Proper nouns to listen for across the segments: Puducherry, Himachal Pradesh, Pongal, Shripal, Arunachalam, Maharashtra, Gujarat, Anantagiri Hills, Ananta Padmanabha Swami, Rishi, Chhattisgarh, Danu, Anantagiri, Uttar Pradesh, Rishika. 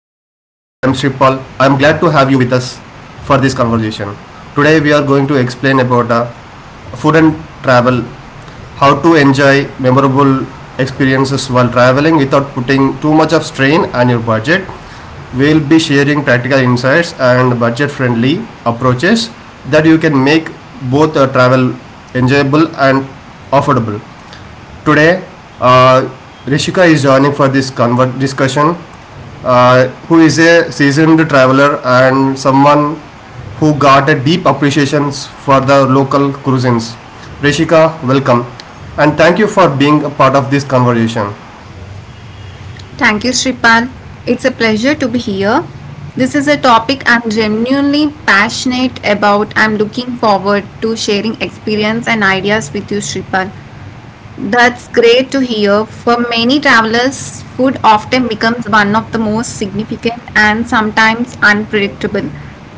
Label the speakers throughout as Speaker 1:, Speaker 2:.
Speaker 1: I am Shripal. I am glad to have you with us for this conversation. Today we are going to explain about food and travel, how to enjoy memorable experiences while traveling without putting too much of strain on your budget. We'll be sharing practical insights and budget-friendly approaches that you can make both travel enjoyable and affordable. Today, uh, Rishika is joining for this discussion, who is a seasoned traveler and someone who got a deep appreciation for the local cuisines. Rishika, welcome, and thank you for being a part of this conversation.
Speaker 2: Thank you, Shripal. It's a pleasure to be here. This is a topic I'm genuinely passionate about. I'm looking forward to sharing experience and ideas with you, Shripal. That's great to hear. For many travelers, food often becomes one of the most significant and sometimes unpredictable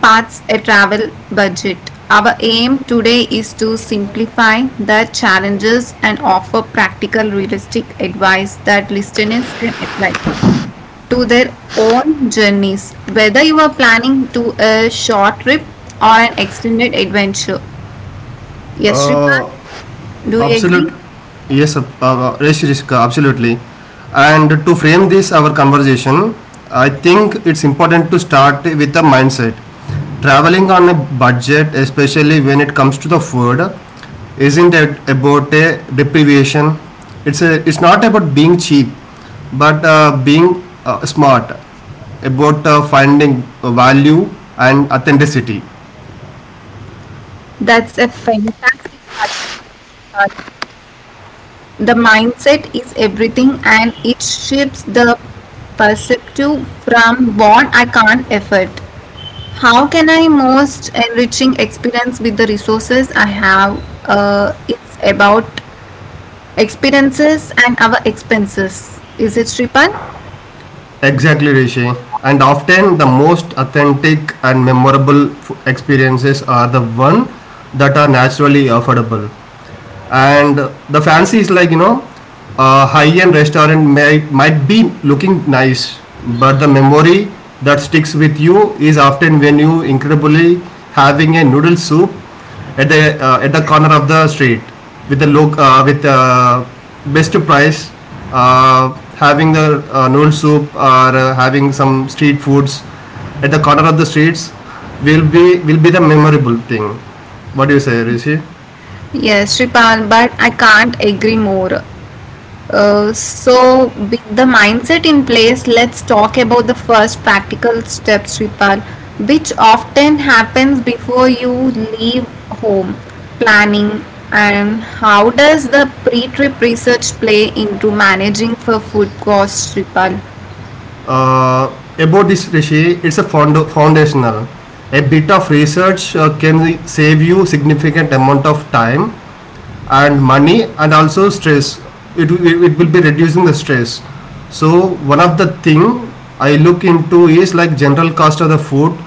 Speaker 2: parts a travel budget. Our aim today is to simplify the challenges and offer practical, realistic advice that listeners can apply to their own journeys, whether you are planning to a short trip or an extended adventure. Yes, Shripal,
Speaker 1: Uh,
Speaker 2: do you agree?
Speaker 1: absolute yes Rishika, absolutely, and to frame this our conversation, I think it's important to start with the mindset. Traveling on a budget, especially when it comes to the food, isn't it about a deprivation. It's not about being cheap but being smart about finding value and authenticity.
Speaker 2: That's a fantastic starting point, Shripal. The mindset is everything and it shifts the perspective from what I can't effort. How can I most enriching experience with the resources I have? It's about experiences and our expenses. Is it Shripal?
Speaker 1: Exactly, Rishi. And often the most authentic and memorable experiences are the one that are naturally affordable, and the fancy is, like, you know, a high-end restaurant might be looking nice, but the memory that sticks with you is often when you incredibly having a noodle soup at the corner of the street with the loc with best price, uh, having the noodle soup or having some street foods at the corner of the streets will be the memorable thing. What do you say, Rishi?
Speaker 2: Yes, Shripal, but I can't agree more. So, with the mindset in place, let's talk about the first practical step, Shripal, which often happens before you leave home planning. And how does the pre trip research play into managing for food costs, Shripal?
Speaker 1: About this, Rishi, it's a foundational. A bit of research can save you significant amount of time and money and also stress. It, it will be reducing the stress. So one of the thing I look into is like general cost of the food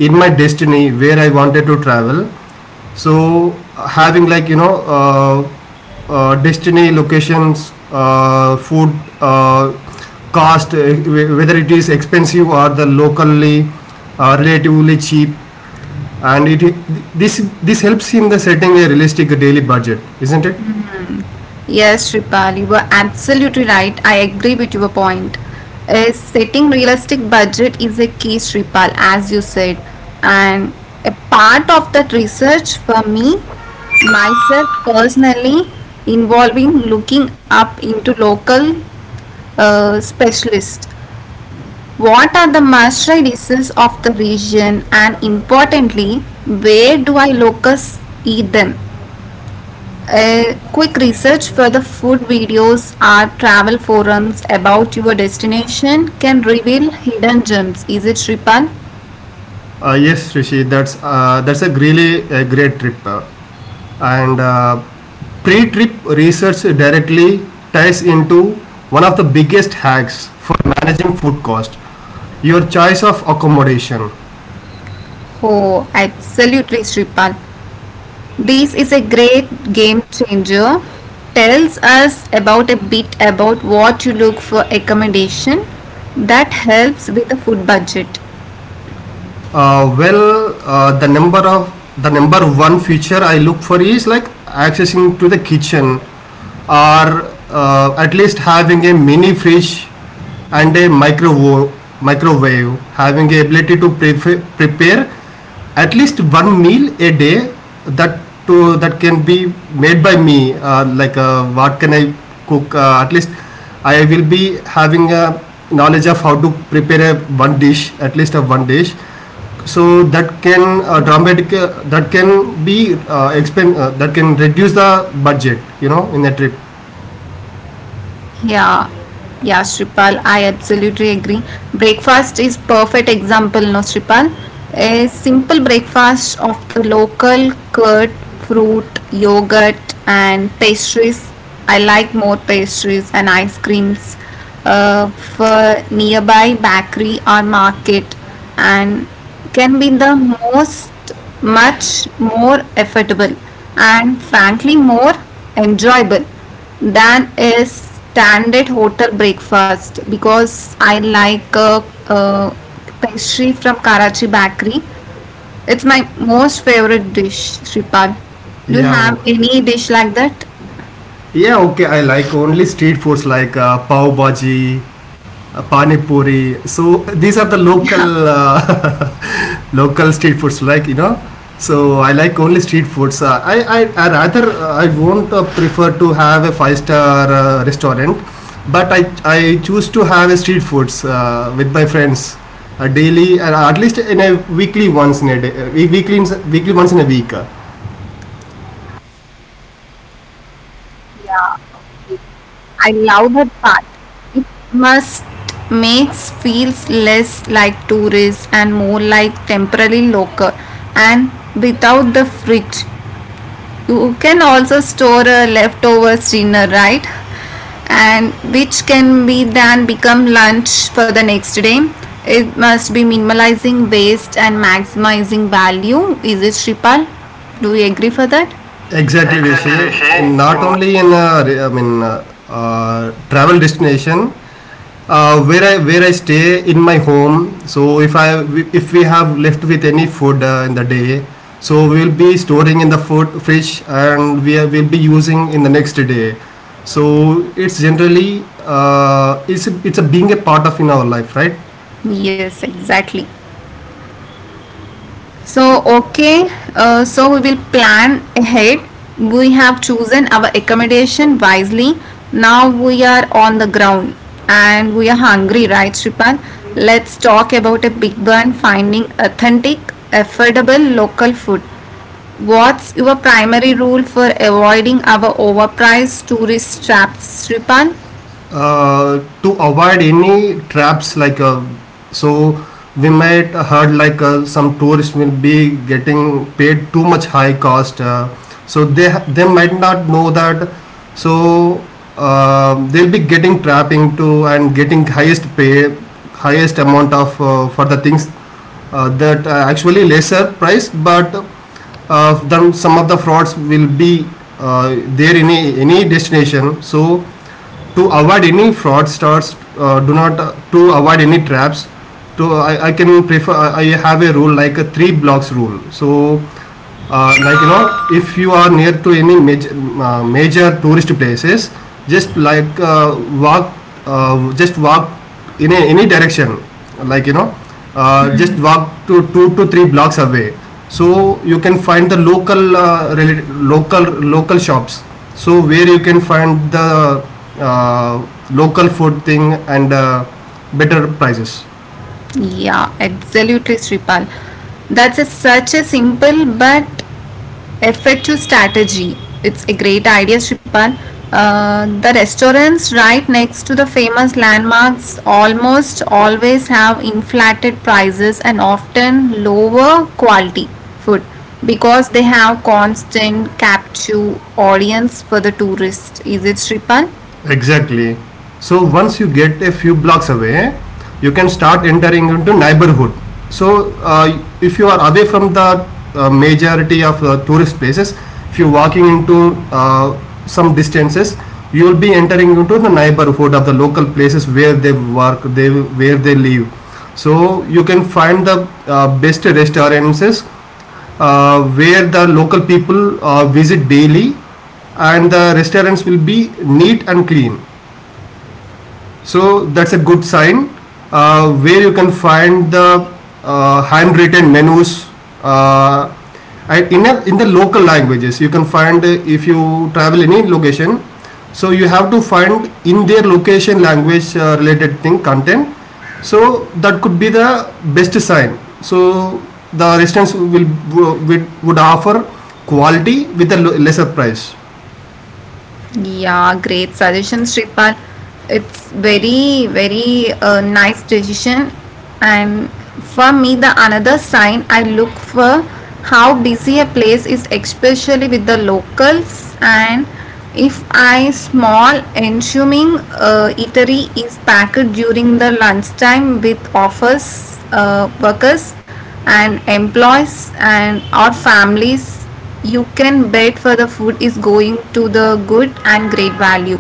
Speaker 1: in my destiny where I wanted to travel. So having, like, you know, destiny locations food uh, cost, whether it is expensive or the locally relatively cheap. And it this this helps in the setting a realistic daily budget, isn't it?
Speaker 2: Yes, Shripal, you were absolutely right. I agree with your point. Is setting realistic budget is a key, Shripal, as you said. And a part of that research for me, myself personally, involving looking up into local specialist. What are the mastery diseases of the region and importantly, where do I locus eat them? A quick research for the food videos or travel forums about your destination can reveal hidden gems. Is it Shripal?
Speaker 1: Yes, Rishi, that's a really a great trip, and pre-trip research directly ties into one of the biggest hacks for managing food cost, your choice of accommodation.
Speaker 2: Oh, absolutely Shripal. This is a great game changer. Tells us about a bit about what you look for accommodation that helps with the food budget.
Speaker 1: Well, the number of the number one feature I look for is like accessing to the kitchen, or at least having a mini fridge and a microwave, having the ability to prepare at least one meal a day, that can be made by me. Like, what can I cook? At least I will be having a knowledge of how to prepare a one dish, at least a one dish, so that can dramatic that can be expend that can reduce the budget, you know, in the trip.
Speaker 2: Yeah, yeah, Shripal, I absolutely agree. Breakfast is perfect example, no, Shripal. A simple breakfast of the local curd, fruit, yogurt, and pastries. I like more pastries and ice creams for nearby bakery or market, and can be the most much more affordable and frankly more enjoyable than a standard hotel breakfast because I like a pastry from Karachi bakery. It's my most favorite dish, Sripal. Do you
Speaker 1: Yeah,
Speaker 2: have
Speaker 1: oh.
Speaker 2: any dish like that?
Speaker 1: Yeah, okay, I like only street foods, like pav bhaji, pani puri. So these are the local local street foods, like, you know. So I like only street foods. I I rather I won't prefer to have a five star restaurant, but I choose to have a street foods with my friends. Daily, and at least in a weekly once in a day, weekly once in a week.
Speaker 2: Yeah, I love that part. It must makes feels less like tourist and more like temporary local, and without the fridge you can also store a leftovers dinner, right? And which can be then become lunch for the next day. It must be minimalizing waste and maximizing value. Is it Shripal? Do you agree for that?
Speaker 1: Exactly,
Speaker 2: Exactly,
Speaker 1: Rishi, in not
Speaker 2: Rishi.
Speaker 1: only in I mean travel destination, where I stay in my home. So if we have left with any food in the day, so we'll be storing in the food fridge, and will be using in the next day. So it's generally it's a being a part of in our life, right?
Speaker 2: Yes, exactly. So, okay, so we will plan ahead. We have chosen our accommodation wisely. Now we are on the ground and we are hungry, right, Sripan? Let's talk about a big one finding authentic, affordable local food. What's your primary rule for avoiding our overpriced tourist traps, Sripan?
Speaker 1: To avoid any traps, so we might heard like some tourists will be getting paid too much high cost, so they might not know that. So they'll be getting trapped into and getting highest pay, highest amount of for the things that actually lesser price. But then some of the frauds will be there in a, any destination. So to avoid any fraudsters, do not to avoid any traps, to I can prefer. I have a rule like a three blocks rule. So like, you know, if you are near to any major tourist places, just like uh, walk just walk in a, any direction, like, you know, just walk to two to three blocks away, so you can find the local local shops, so where you can find the uh, local food thing and better prices.
Speaker 2: Yeah, absolutely, Sripal. That's such a simple but effective strategy. It's a great idea, Sripal. The restaurants right next to the famous landmarks almost always have inflated prices and often lower quality food because they have constant captive audience for the tourist. Is it, Sripal?
Speaker 1: Exactly. So once you get a few blocks away, you can start entering into neighborhood. So if you are away from the majority of the tourist places, if you're walking into some distances, you will be entering into the neighborhood of the local places where they work, they where they live. So you can find the best restaurants where the local people visit daily, and the restaurants will be neat and clean, so that's a good sign where you can find the handwritten menus uh, in the local languages. You can find if you travel any location, so you have to find in their location language related thing content, so that could be the best sign. So the restaurants would offer quality with a lesser price.
Speaker 2: Yeah, great suggestion, Sripal. It's very, very nice decision. And for me, the another sign I look for how busy a place is, especially with the locals. And if I small ensuing eatery is packed during the lunchtime with office workers and employees and our families, you can bet for the food is going to the good and great value.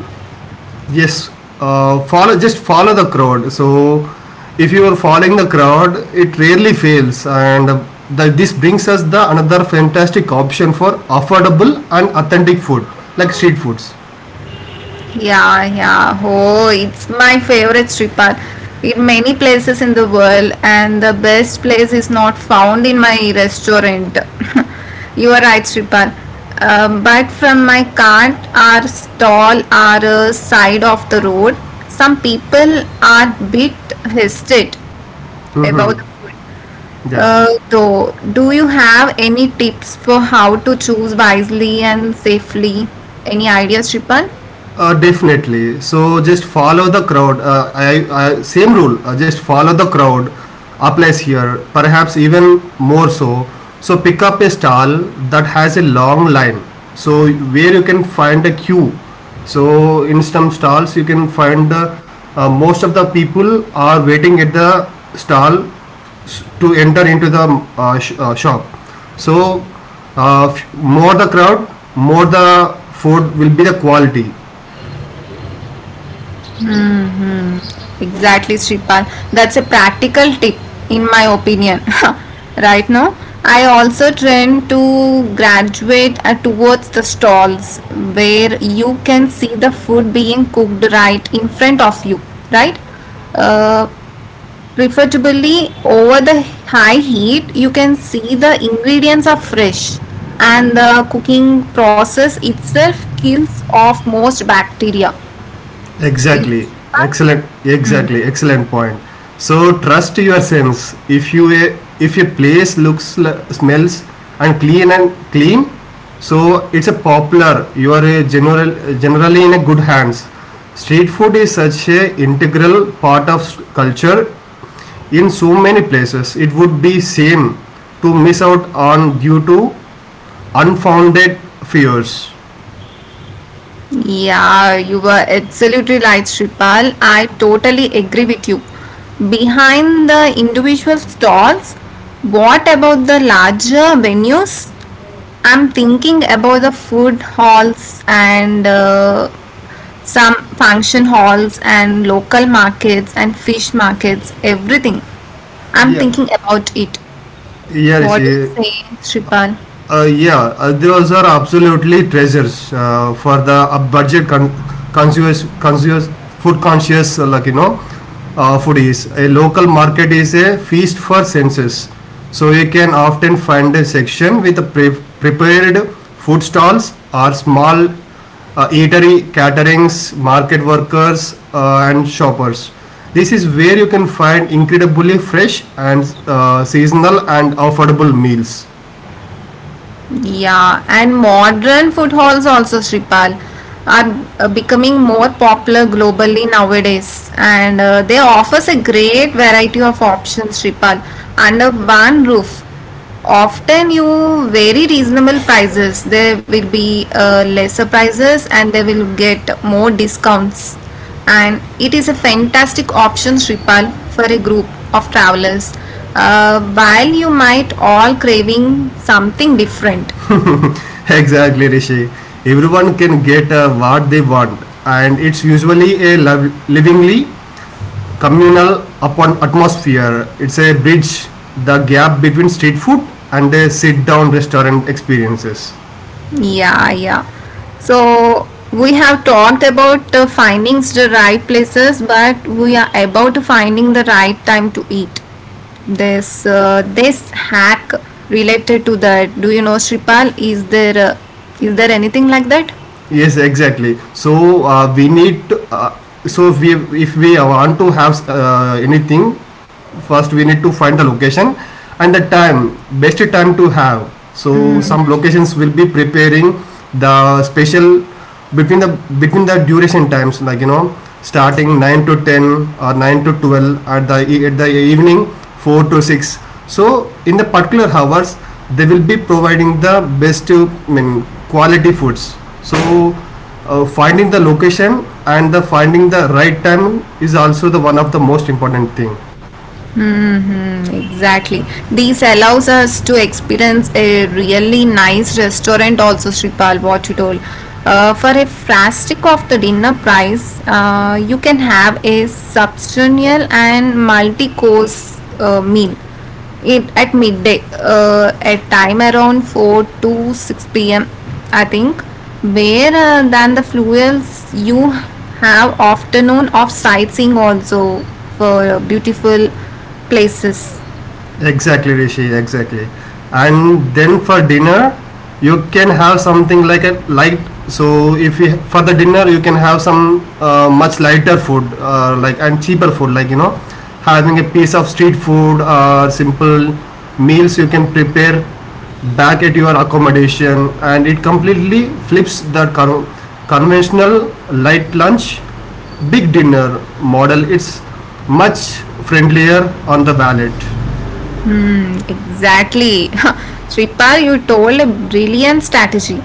Speaker 1: Yes, follow just follow the crowd. So if you are following the crowd, it rarely fails, and this brings us the another fantastic option for affordable and authentic food, like street foods.
Speaker 2: Yeah, yeah. Oh, it's my favorite Sripal. In many places in the world, and the best place is not found in my restaurant. You are right, Sripal. But from my cart, our stall, our side of the road, some people are bit hesitant about
Speaker 1: Mm-hmm.
Speaker 2: the food.
Speaker 1: Yeah.
Speaker 2: Though, do you have any tips for how to choose wisely and safely? Any ideas, Shripan?
Speaker 1: Definitely. So just follow the crowd. I same rule. Just follow the crowd applies here, perhaps even more so. So pick up a stall that has a long line, so where you can find a queue. So in some stalls you can find most of the people are waiting at the stall s- to enter into the shop. So more the crowd, more the food will be the quality.
Speaker 2: Exactly, Shripan. That's a practical tip, in my opinion. Right now, I also trend to graduate towards the stalls where you can see the food being cooked right in front of you, right? Uh, Preferably over the high heat, you can see the ingredients are fresh and the cooking process itself kills off most bacteria. Is it
Speaker 1: Exactly.
Speaker 2: Shreepal?
Speaker 1: Excellent. Exactly. Excellent point. So trust your sense. If a place looks smells and clean, so it's a popular, you are a generally in a good hands. Street food is such a integral part of culture in so many places. It would be same to miss out on due to unfounded fears.
Speaker 2: Yeah, you were absolutely right, Shripal. I totally agree with you. Behind the individual stalls, what about the larger venues? I'm thinking about the food halls and some function halls and local markets and fish markets, everything. I'm
Speaker 1: Yeah.
Speaker 2: thinking about it.
Speaker 1: Yeah,
Speaker 2: What do
Speaker 1: Rishi.
Speaker 2: you say, Shripal?
Speaker 1: Yeah, those are absolutely treasures for the conscious, food conscious, like, you know, foodies. A local market is a feast for senses, so you can often find a section with prepared food stalls or small eatery caterings, market workers, and shoppers. This is where you can find incredibly fresh and seasonal and affordable meals.
Speaker 2: Yeah, and modern foothalls also, Shripal, are becoming more popular globally nowadays, and they offers a great variety of options, Shripal, under one roof. Often, you very reasonable prices. There will be lesser prices, and they will get more discounts, and it is a fantastic option Sripal for a group of travelers while you might all craving something different.
Speaker 1: exactly, Rishi. Everyone can get what they want, and it's usually a livingly communal upon atmosphere. It's a bridge the gap between street food and a sit down restaurant experiences.
Speaker 2: Yeah, yeah, so we have talked about finding the right places, but we are about finding the right time to eat. This hack related to that, do you know Sripal, is there anything like that?
Speaker 1: Yes, exactly. So we need to, so if we want to have anything, first we need to find the location and the time, best time to have. So some locations will be preparing the special between the between the duration times, like, you know, starting 9 to 10 or 9 to 12 at the at the evening, 4 to 6. So in the particular hours they will be providing the best I mean, quality foods. So finding the location and the finding the right time is also the one of the most important thing.
Speaker 2: Hmm, exactly. This allows us to experience a really nice restaurant also, Sripal, what you told. For a fraction of the dinner price, you can have a substantial and multi-course meal it at midday at time around 4 to 6 p.m., I think, where than the fuels you have afternoon of sightseeing also for beautiful places.
Speaker 1: Exactly, Rishi. Exactly. And then for dinner, you can have something like a light. So if you for the dinner, you can have some much lighter food, like and cheaper food, like, you know, having a piece of street food or simple meals you can prepare back at your accommodation, and it completely flips the conventional light lunch, big dinner model. It's much friendlier on the wallet.
Speaker 2: Hmm, exactly. Sripal, you told a brilliant strategy.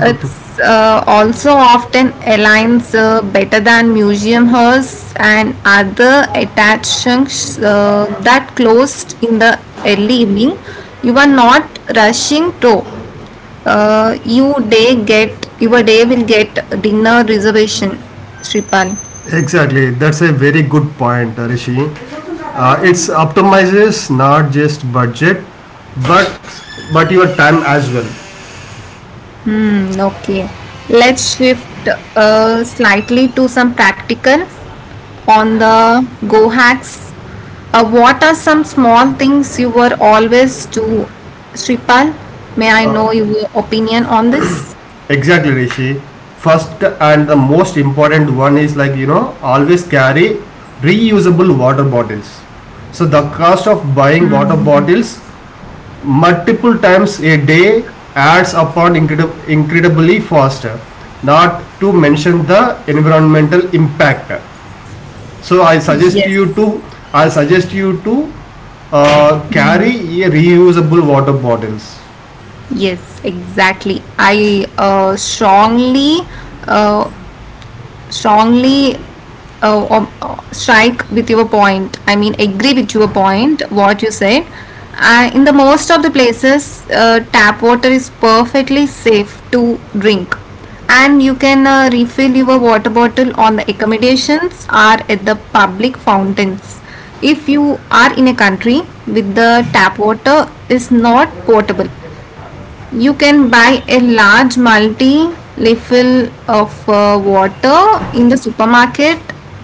Speaker 2: It's also often aligns better than museum halls and other attractions that closed in the early evening. You are not rushing to. Uh, you day get your day will get dinner reservation, Sripal.
Speaker 1: Exactly, that's a very good point, Rishi. It's optimizes not just budget, but your time as well.
Speaker 2: Hmm, okay. Let's shift slightly to some practical on the go hacks. What are some small things you were always do, Shripal? May I
Speaker 1: Uh,
Speaker 2: know your opinion on this?
Speaker 1: exactly, Rishi. First and the most important one is, like, you know, always carry reusable water bottles. So the cost of buying water bottles multiple times a day adds upon incredibly faster. Not to mention the environmental impact. So I
Speaker 2: Yes,
Speaker 1: suggest you to I suggest you to carry a reusable water bottles.
Speaker 2: yes, exactly. I strongly uh, strongly strike with your point, I mean agree with your point what you said in the most of the places, tap water is perfectly safe to drink, and you can refill your water bottle on the accommodations or at the public fountains. If you are in a country with the tap water is not portable, you can buy a large multi refill of water in the supermarket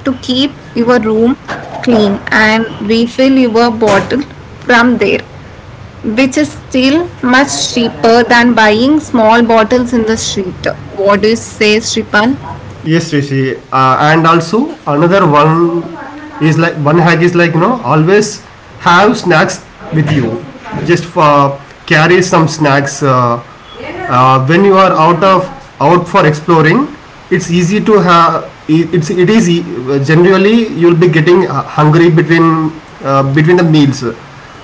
Speaker 2: to keep your room clean and refill your bottle from there, which is still much cheaper than buying small bottles in the street. What do you say, Sripal?
Speaker 1: Yes, Rishi. And also another one is, like, one hack is, like, you know, always have snacks with you. Just for carry some snacks when you are out for exploring. It's easy to have. It's it is e- Generally you'll be getting hungry between between the meals.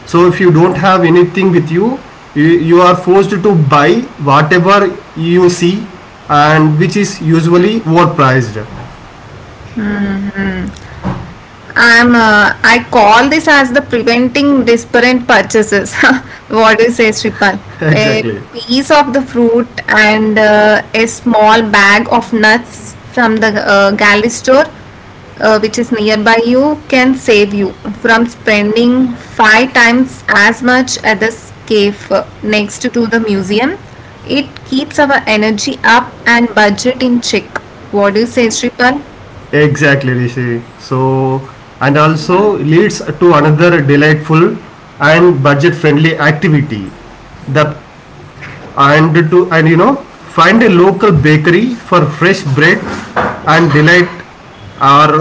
Speaker 1: So if you don't have anything with you, you, you are forced to buy whatever you see, and which is usually overpriced.
Speaker 2: I call this as the preventing disparate purchases. What do you say, Sripal? A
Speaker 1: Exactly.
Speaker 2: piece of the fruit and a small bag of nuts from the galley store, which is nearby you, can save you from spending five times as much at the cave next to the museum. It keeps our energy up and budget in check. What do you say, Sripal?
Speaker 1: Exactly, Rishi. So and also leads to another delightful and budget friendly activity, the and to and you know find a local bakery for fresh bread and delight our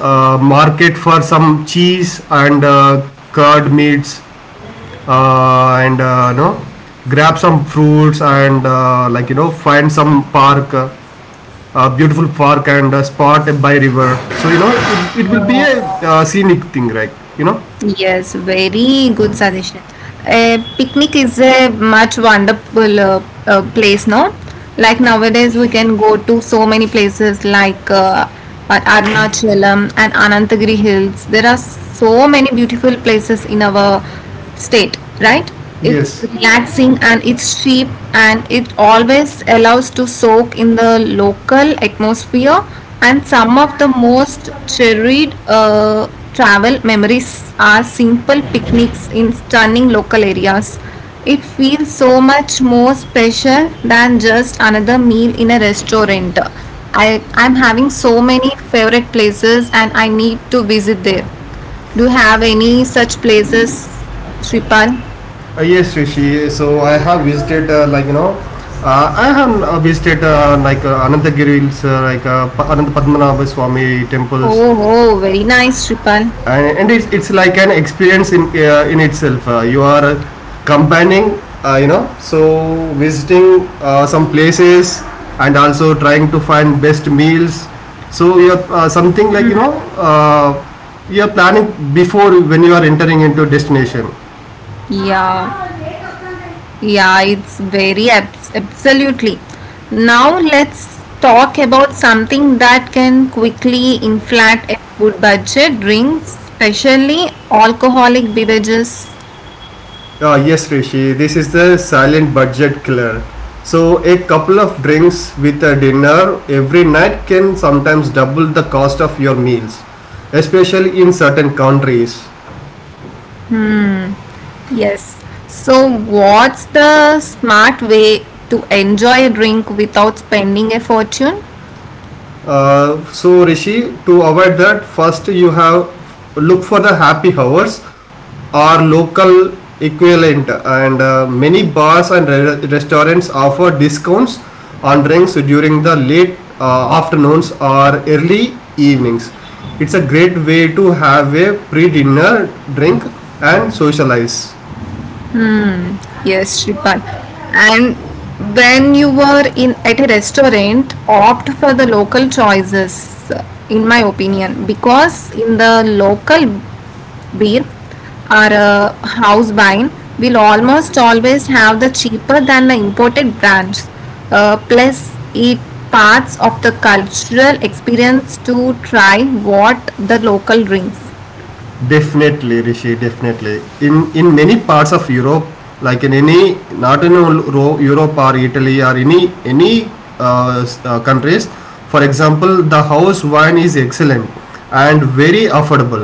Speaker 1: market for some cheese and curd meats, and grab some fruits and find some park, a beautiful park and a spot by river, so you know it will be a
Speaker 2: Yeah.
Speaker 1: scenic thing, right? you know
Speaker 2: Yes, very good suggestion. A picnic is a much wonderful place, no? Like nowadays, we can go to so many places like Arunachalam and Anantagiri Hills. There are so many beautiful places in our state, right? It's
Speaker 1: Yes.
Speaker 2: relaxing and it's cheap, and it always allows to soak in the local atmosphere, and some of the most cherished travel memories are simple picnics in stunning local areas. It feels so much more special than just another meal in a restaurant. I'm having so many favorite places and I need to visit there. Do you have any such places, Shripal?
Speaker 1: Yes, Rishi. So I have visited, I have visited Anantagiri's, Ananta Padmanabha Swami temples,
Speaker 2: Oh, oh, very nice, Shripal.
Speaker 1: and it's like an experience in itself. You are combining, you know, so visiting some places and also trying to find best meals. So you're something like you know, you're planning before when you are entering into destination.
Speaker 2: Yeah, yeah, it's very absolutely. Now let's talk about something that can quickly inflate a food budget, drinks, especially alcoholic beverages.
Speaker 1: Yes, Rishi, this is the silent budget killer. So, a couple of drinks with a dinner every night can sometimes double the cost of your meals, especially in certain countries.
Speaker 2: Yes. So, what's the smart way to enjoy a drink without spending a fortune?
Speaker 1: So, Rishi, to avoid that, first you have look for the happy hours are local equivalent, and many bars and restaurants offer discounts on drinks during the late afternoons or early evenings. It's a great way to have a pre-dinner drink and socialize.
Speaker 2: Yes, Shripal. And when you were in at a restaurant, opt for the local choices, in my opinion, because in the local beer or house wine will almost always have the cheaper than the imported brands. Plus, it parts of the cultural experience to try what the local drinks.
Speaker 1: Definitely, Rishi, definitely. In many parts of Europe, like in any, not in all Europe or Italy or any countries, for example, the house wine is excellent and very affordable.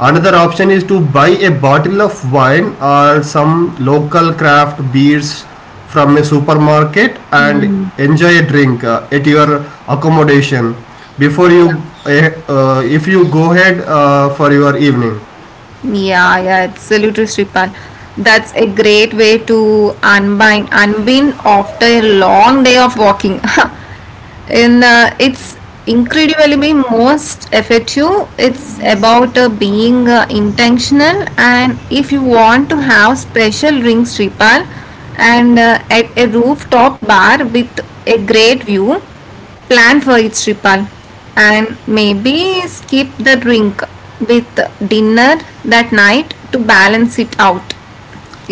Speaker 1: Another option is to buy a bottle of wine or some local craft beers from a supermarket and enjoy a drink at your accommodation before you if you go ahead for your evening.
Speaker 2: Yeah, yeah, absolutely, Sripal. That's a great way to unbind, unwind after a long day of walking. in It's incredibly most effective. It's about being intentional, and if you want to have special rings repal and at a rooftop bar with a great view, plan for its repal and maybe skip the drink with dinner that night to balance it out,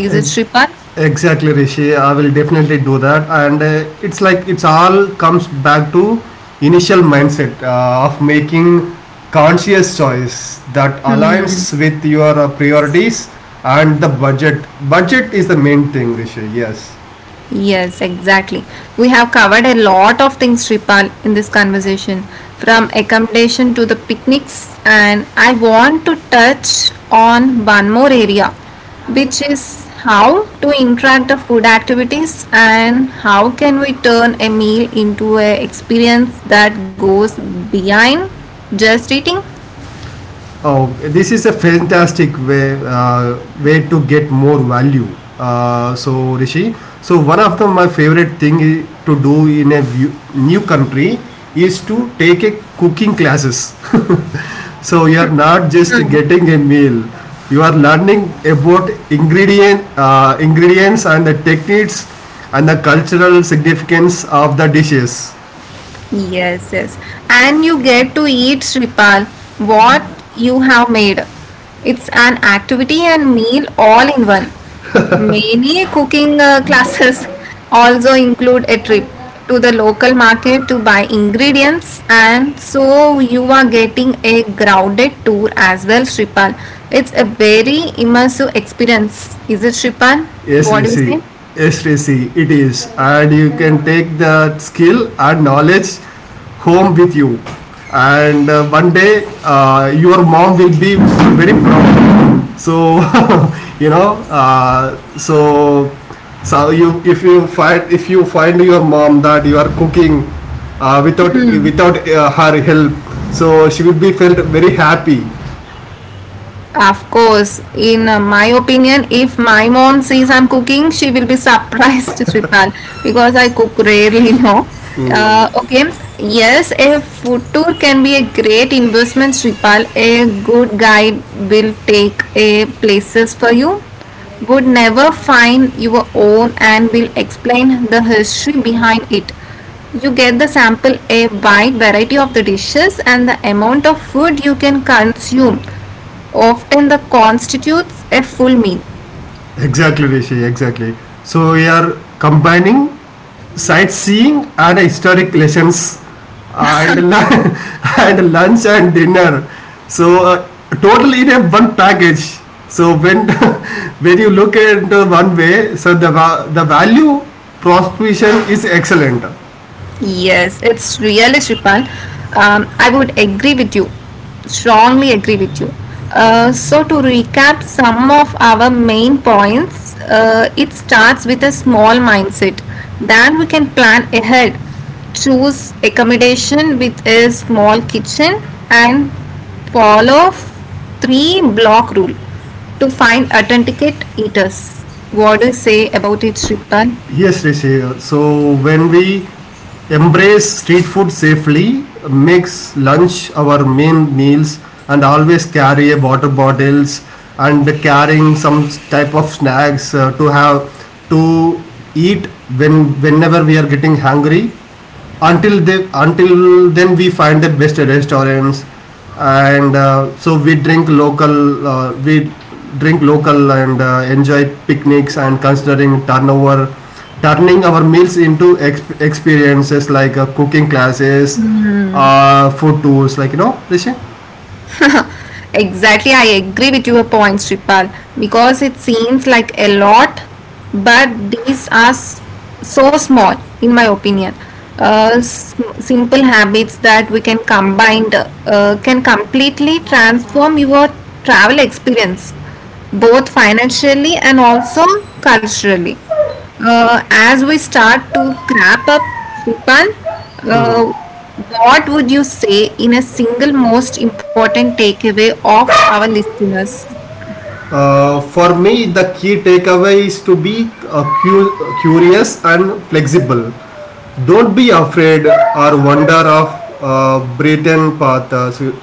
Speaker 2: is it
Speaker 1: Ex-
Speaker 2: repal?
Speaker 1: Exactly, Rishi. I will definitely do that. And it's like it's all comes back to initial mindset of making conscious choice that aligns with your priorities and the budget. Budget is the main thing, Rishi. Yes.
Speaker 2: Yes, exactly. We have covered a lot of things, Sripal, in this conversation, from accommodation to the picnics, and I want to touch on one more area, which is how to interact the food activities and how can we turn a meal into an experience that goes beyond just eating.
Speaker 1: Oh, this is a fantastic way way to get more value. So, Rishi, so one of the my favorite thing to do in a view, new country is to take a cooking classes. So you are not just getting a meal, you are learning about ingredients and the techniques and the cultural significance of the dishes.
Speaker 2: Yes, yes. And you get to eat Sripal, what you have made. It's an activity and meal all in one. Many cooking classes also include a trip to the local market to buy ingredients, and so you are getting a grounded tour as well, Sripal. It's a very immersive experience. Is it Sripal?
Speaker 1: Yes,
Speaker 2: What do you say?
Speaker 1: Rishi. Yes, Rishi, it is. And you can take that skill and knowledge home with you. And one day, your mom will be very proud. So, you know, so you if you find your mom that you are cooking without her help, so she will be felt very happy.
Speaker 2: Of course, in my opinion, if my mom sees I'm cooking, she will be surprised, Sripal, because I cook rarely now.
Speaker 1: Mm.
Speaker 2: Okay, yes, a food tour can be a great investment, Sripal. A good guide will take a places for you, would never find your own, and will explain the history behind it. You get the sample a wide variety of the dishes and the amount of food you can consume often the constitutes a full meal.
Speaker 1: Exactly, Rishi, exactly. So we are combining sightseeing and historic lessons uh, and lu- and lunch and dinner. So total in a one package. So when when you look at the one way, so the the value proposition is excellent.
Speaker 2: Yes, it's really Shripan. I would agree with you, strongly agree with you. So to recap some of our main points, it starts with a small mindset. Then we can plan ahead, choose accommodation with a small kitchen, and follow three block rule to find authenticate eaters. What do you say about it, Shripan?
Speaker 1: Yes, Rishi. So when we embrace street food safely, makes lunch our main meals, and always carry a water bottles, and carrying some type of snacks to have to eat when whenever we are getting hungry, until then we find the best restaurants, and we drink local, we drink local and enjoy picnics, and considering turnover turning our meals into experiences like cooking classes, food tours, like you know, Rishi?
Speaker 2: Exactly, I agree with your point, Sripal, because it seems like a lot, but these are so small, in my opinion. Simple habits that we can combine can completely transform your travel experience both financially and also culturally. As we start to wrap up, Shripan, uh, what would you say in a single most important takeaway of our listeners?
Speaker 1: For me the key takeaway is to be curious and flexible. Don't be afraid or wonder of Britain path. So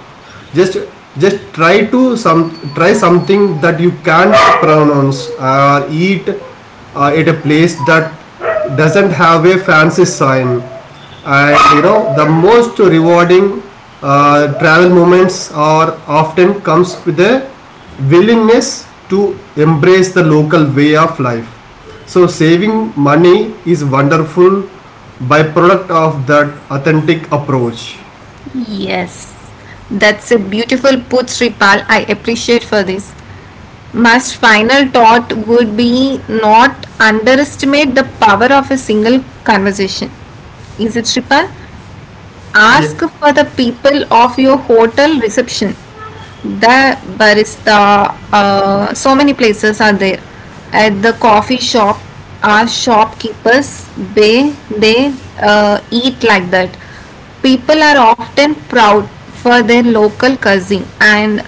Speaker 1: just just try to some try something that you can't pronounce or eat at a place that doesn't have a fancy sign. And you know the most rewarding travel moments are often comes with a willingness to embrace the local way of life. So saving money is wonderful byproduct of that authentic approach.
Speaker 2: Yes, that's a beautiful put, Sripal. I appreciate for this. My final thought would be not underestimate the power of a single conversation. Is it Sripal?
Speaker 1: Yeah,
Speaker 2: Ask for the people of your hotel reception. The barista, so many places are there. At the coffee shop, our shopkeepers, they eat like that. People are often proud for their local cuisine and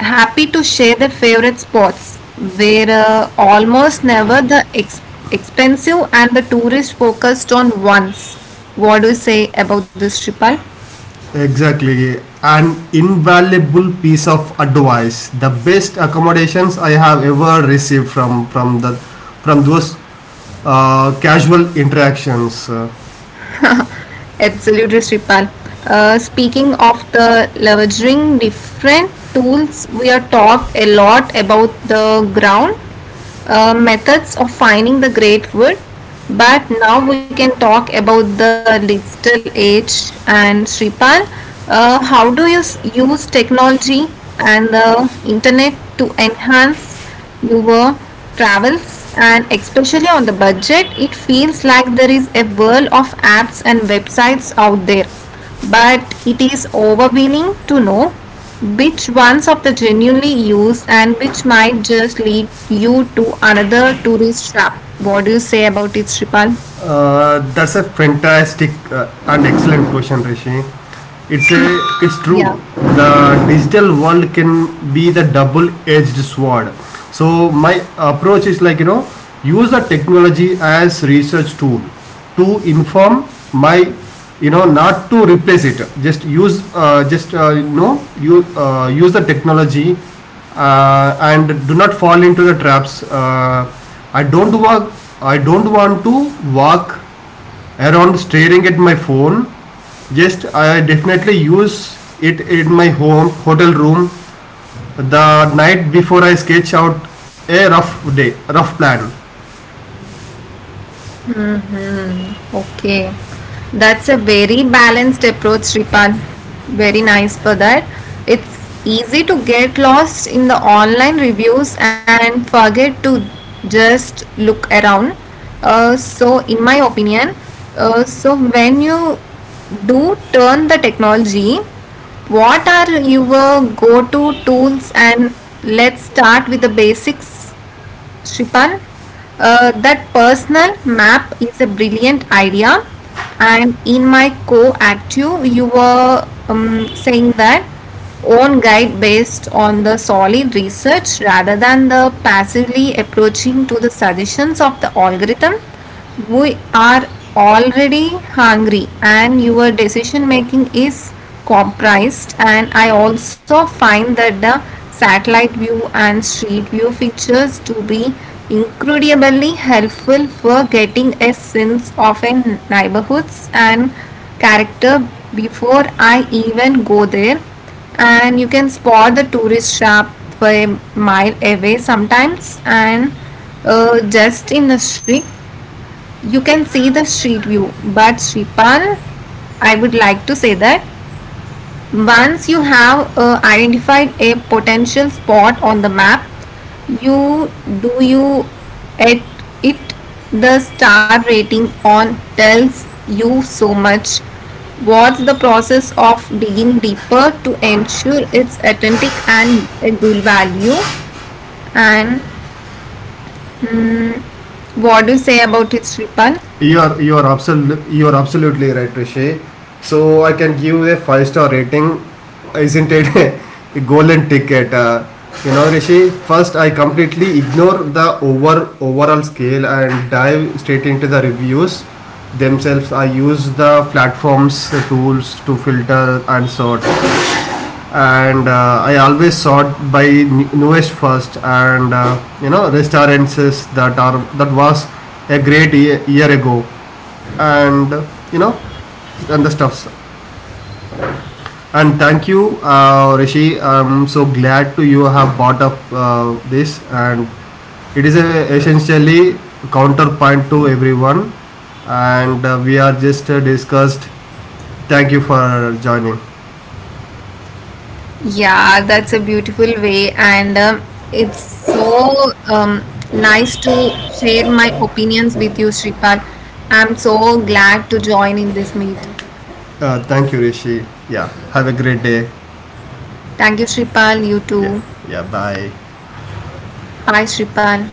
Speaker 2: happy to share their favorite spots where almost never the expensive and the tourist focused on once. What do you say about this, Shipal?
Speaker 1: exactly. An invaluable piece of advice. The best accommodations I have ever received from the from those casual interactions.
Speaker 2: Absolutely, Sripal. Speaking of the leveraging different tools, we are talked a lot about the ground methods of finding the great wood, but now we can talk about the digital age. And Sripal, how do you use technology and the internet to enhance your travels, and especially on the budget it feels like there is a world of apps and websites out there, but it is overwhelming to know which ones of the genuinely use and which might just lead you to another tourist trap. What do you say about it, Shripal?
Speaker 1: That's a fantastic and excellent question, Rishi. It's a, it's true.
Speaker 2: Yeah.
Speaker 1: The digital world can be the double-edged sword. So my approach is like you know, use the technology as research tool to inform my, you know, not to replace it. Just use just you know you use the technology and do not fall into the traps. I don't want I don't want to walk around staring at my phone. Just I definitely use it in my home hotel room the night before. I sketch out a rough day, rough plan.
Speaker 2: Okay, that's a very balanced approach, Sripal. Very nice for that. It's easy to get lost in the online reviews and forget to just look around. So, in my opinion, so when you do turn the technology, what are your go to tools? And let's start with the basics, Shripan, that personal map is a brilliant idea. And in my co-active, you were saying that own guide based on the solid research rather than the passively approaching to the suggestions of the algorithm, we are already hungry and your decision making is comprised. And I also find that the satellite view and street view features to be incredibly helpful for getting a sense of a neighborhoods and character before I even go there, and you can spot the tourist shop for a mile away sometimes. And just in the street you can see the street view. But Shripan, I would like to say that once you have identified a potential spot on the map, you do you at it the star rating on tells you so much. What's the process of digging deeper to ensure it's authentic and a good value? And what do you say about it, Shripan?
Speaker 1: You are absolutely right, Rishi. So I can give a five-star rating. Isn't it a golden ticket? You know, Rishi. First, I completely ignore the overall scale and dive straight into the reviews themselves. I use the tools to filter and sort, and I always sought by newest first, and you know, restaurants that are that was a great year, year ago, and you know, and the stuffs. And thank you, Rishi. I'm so glad to you have brought up this, and it is a, essentially counterpoint to everyone, and we are just discussed. Thank you for joining.
Speaker 2: Yeah, that's a beautiful way. And it's so nice to share my opinions with you, Shripal. I'm so glad to join in this meet.
Speaker 1: Thank you, Rishi. Yeah, have a great day.
Speaker 2: Thank you, Shripal. You
Speaker 1: Yeah,
Speaker 2: too.
Speaker 1: yeah. Bye.
Speaker 2: Bye, Shripal.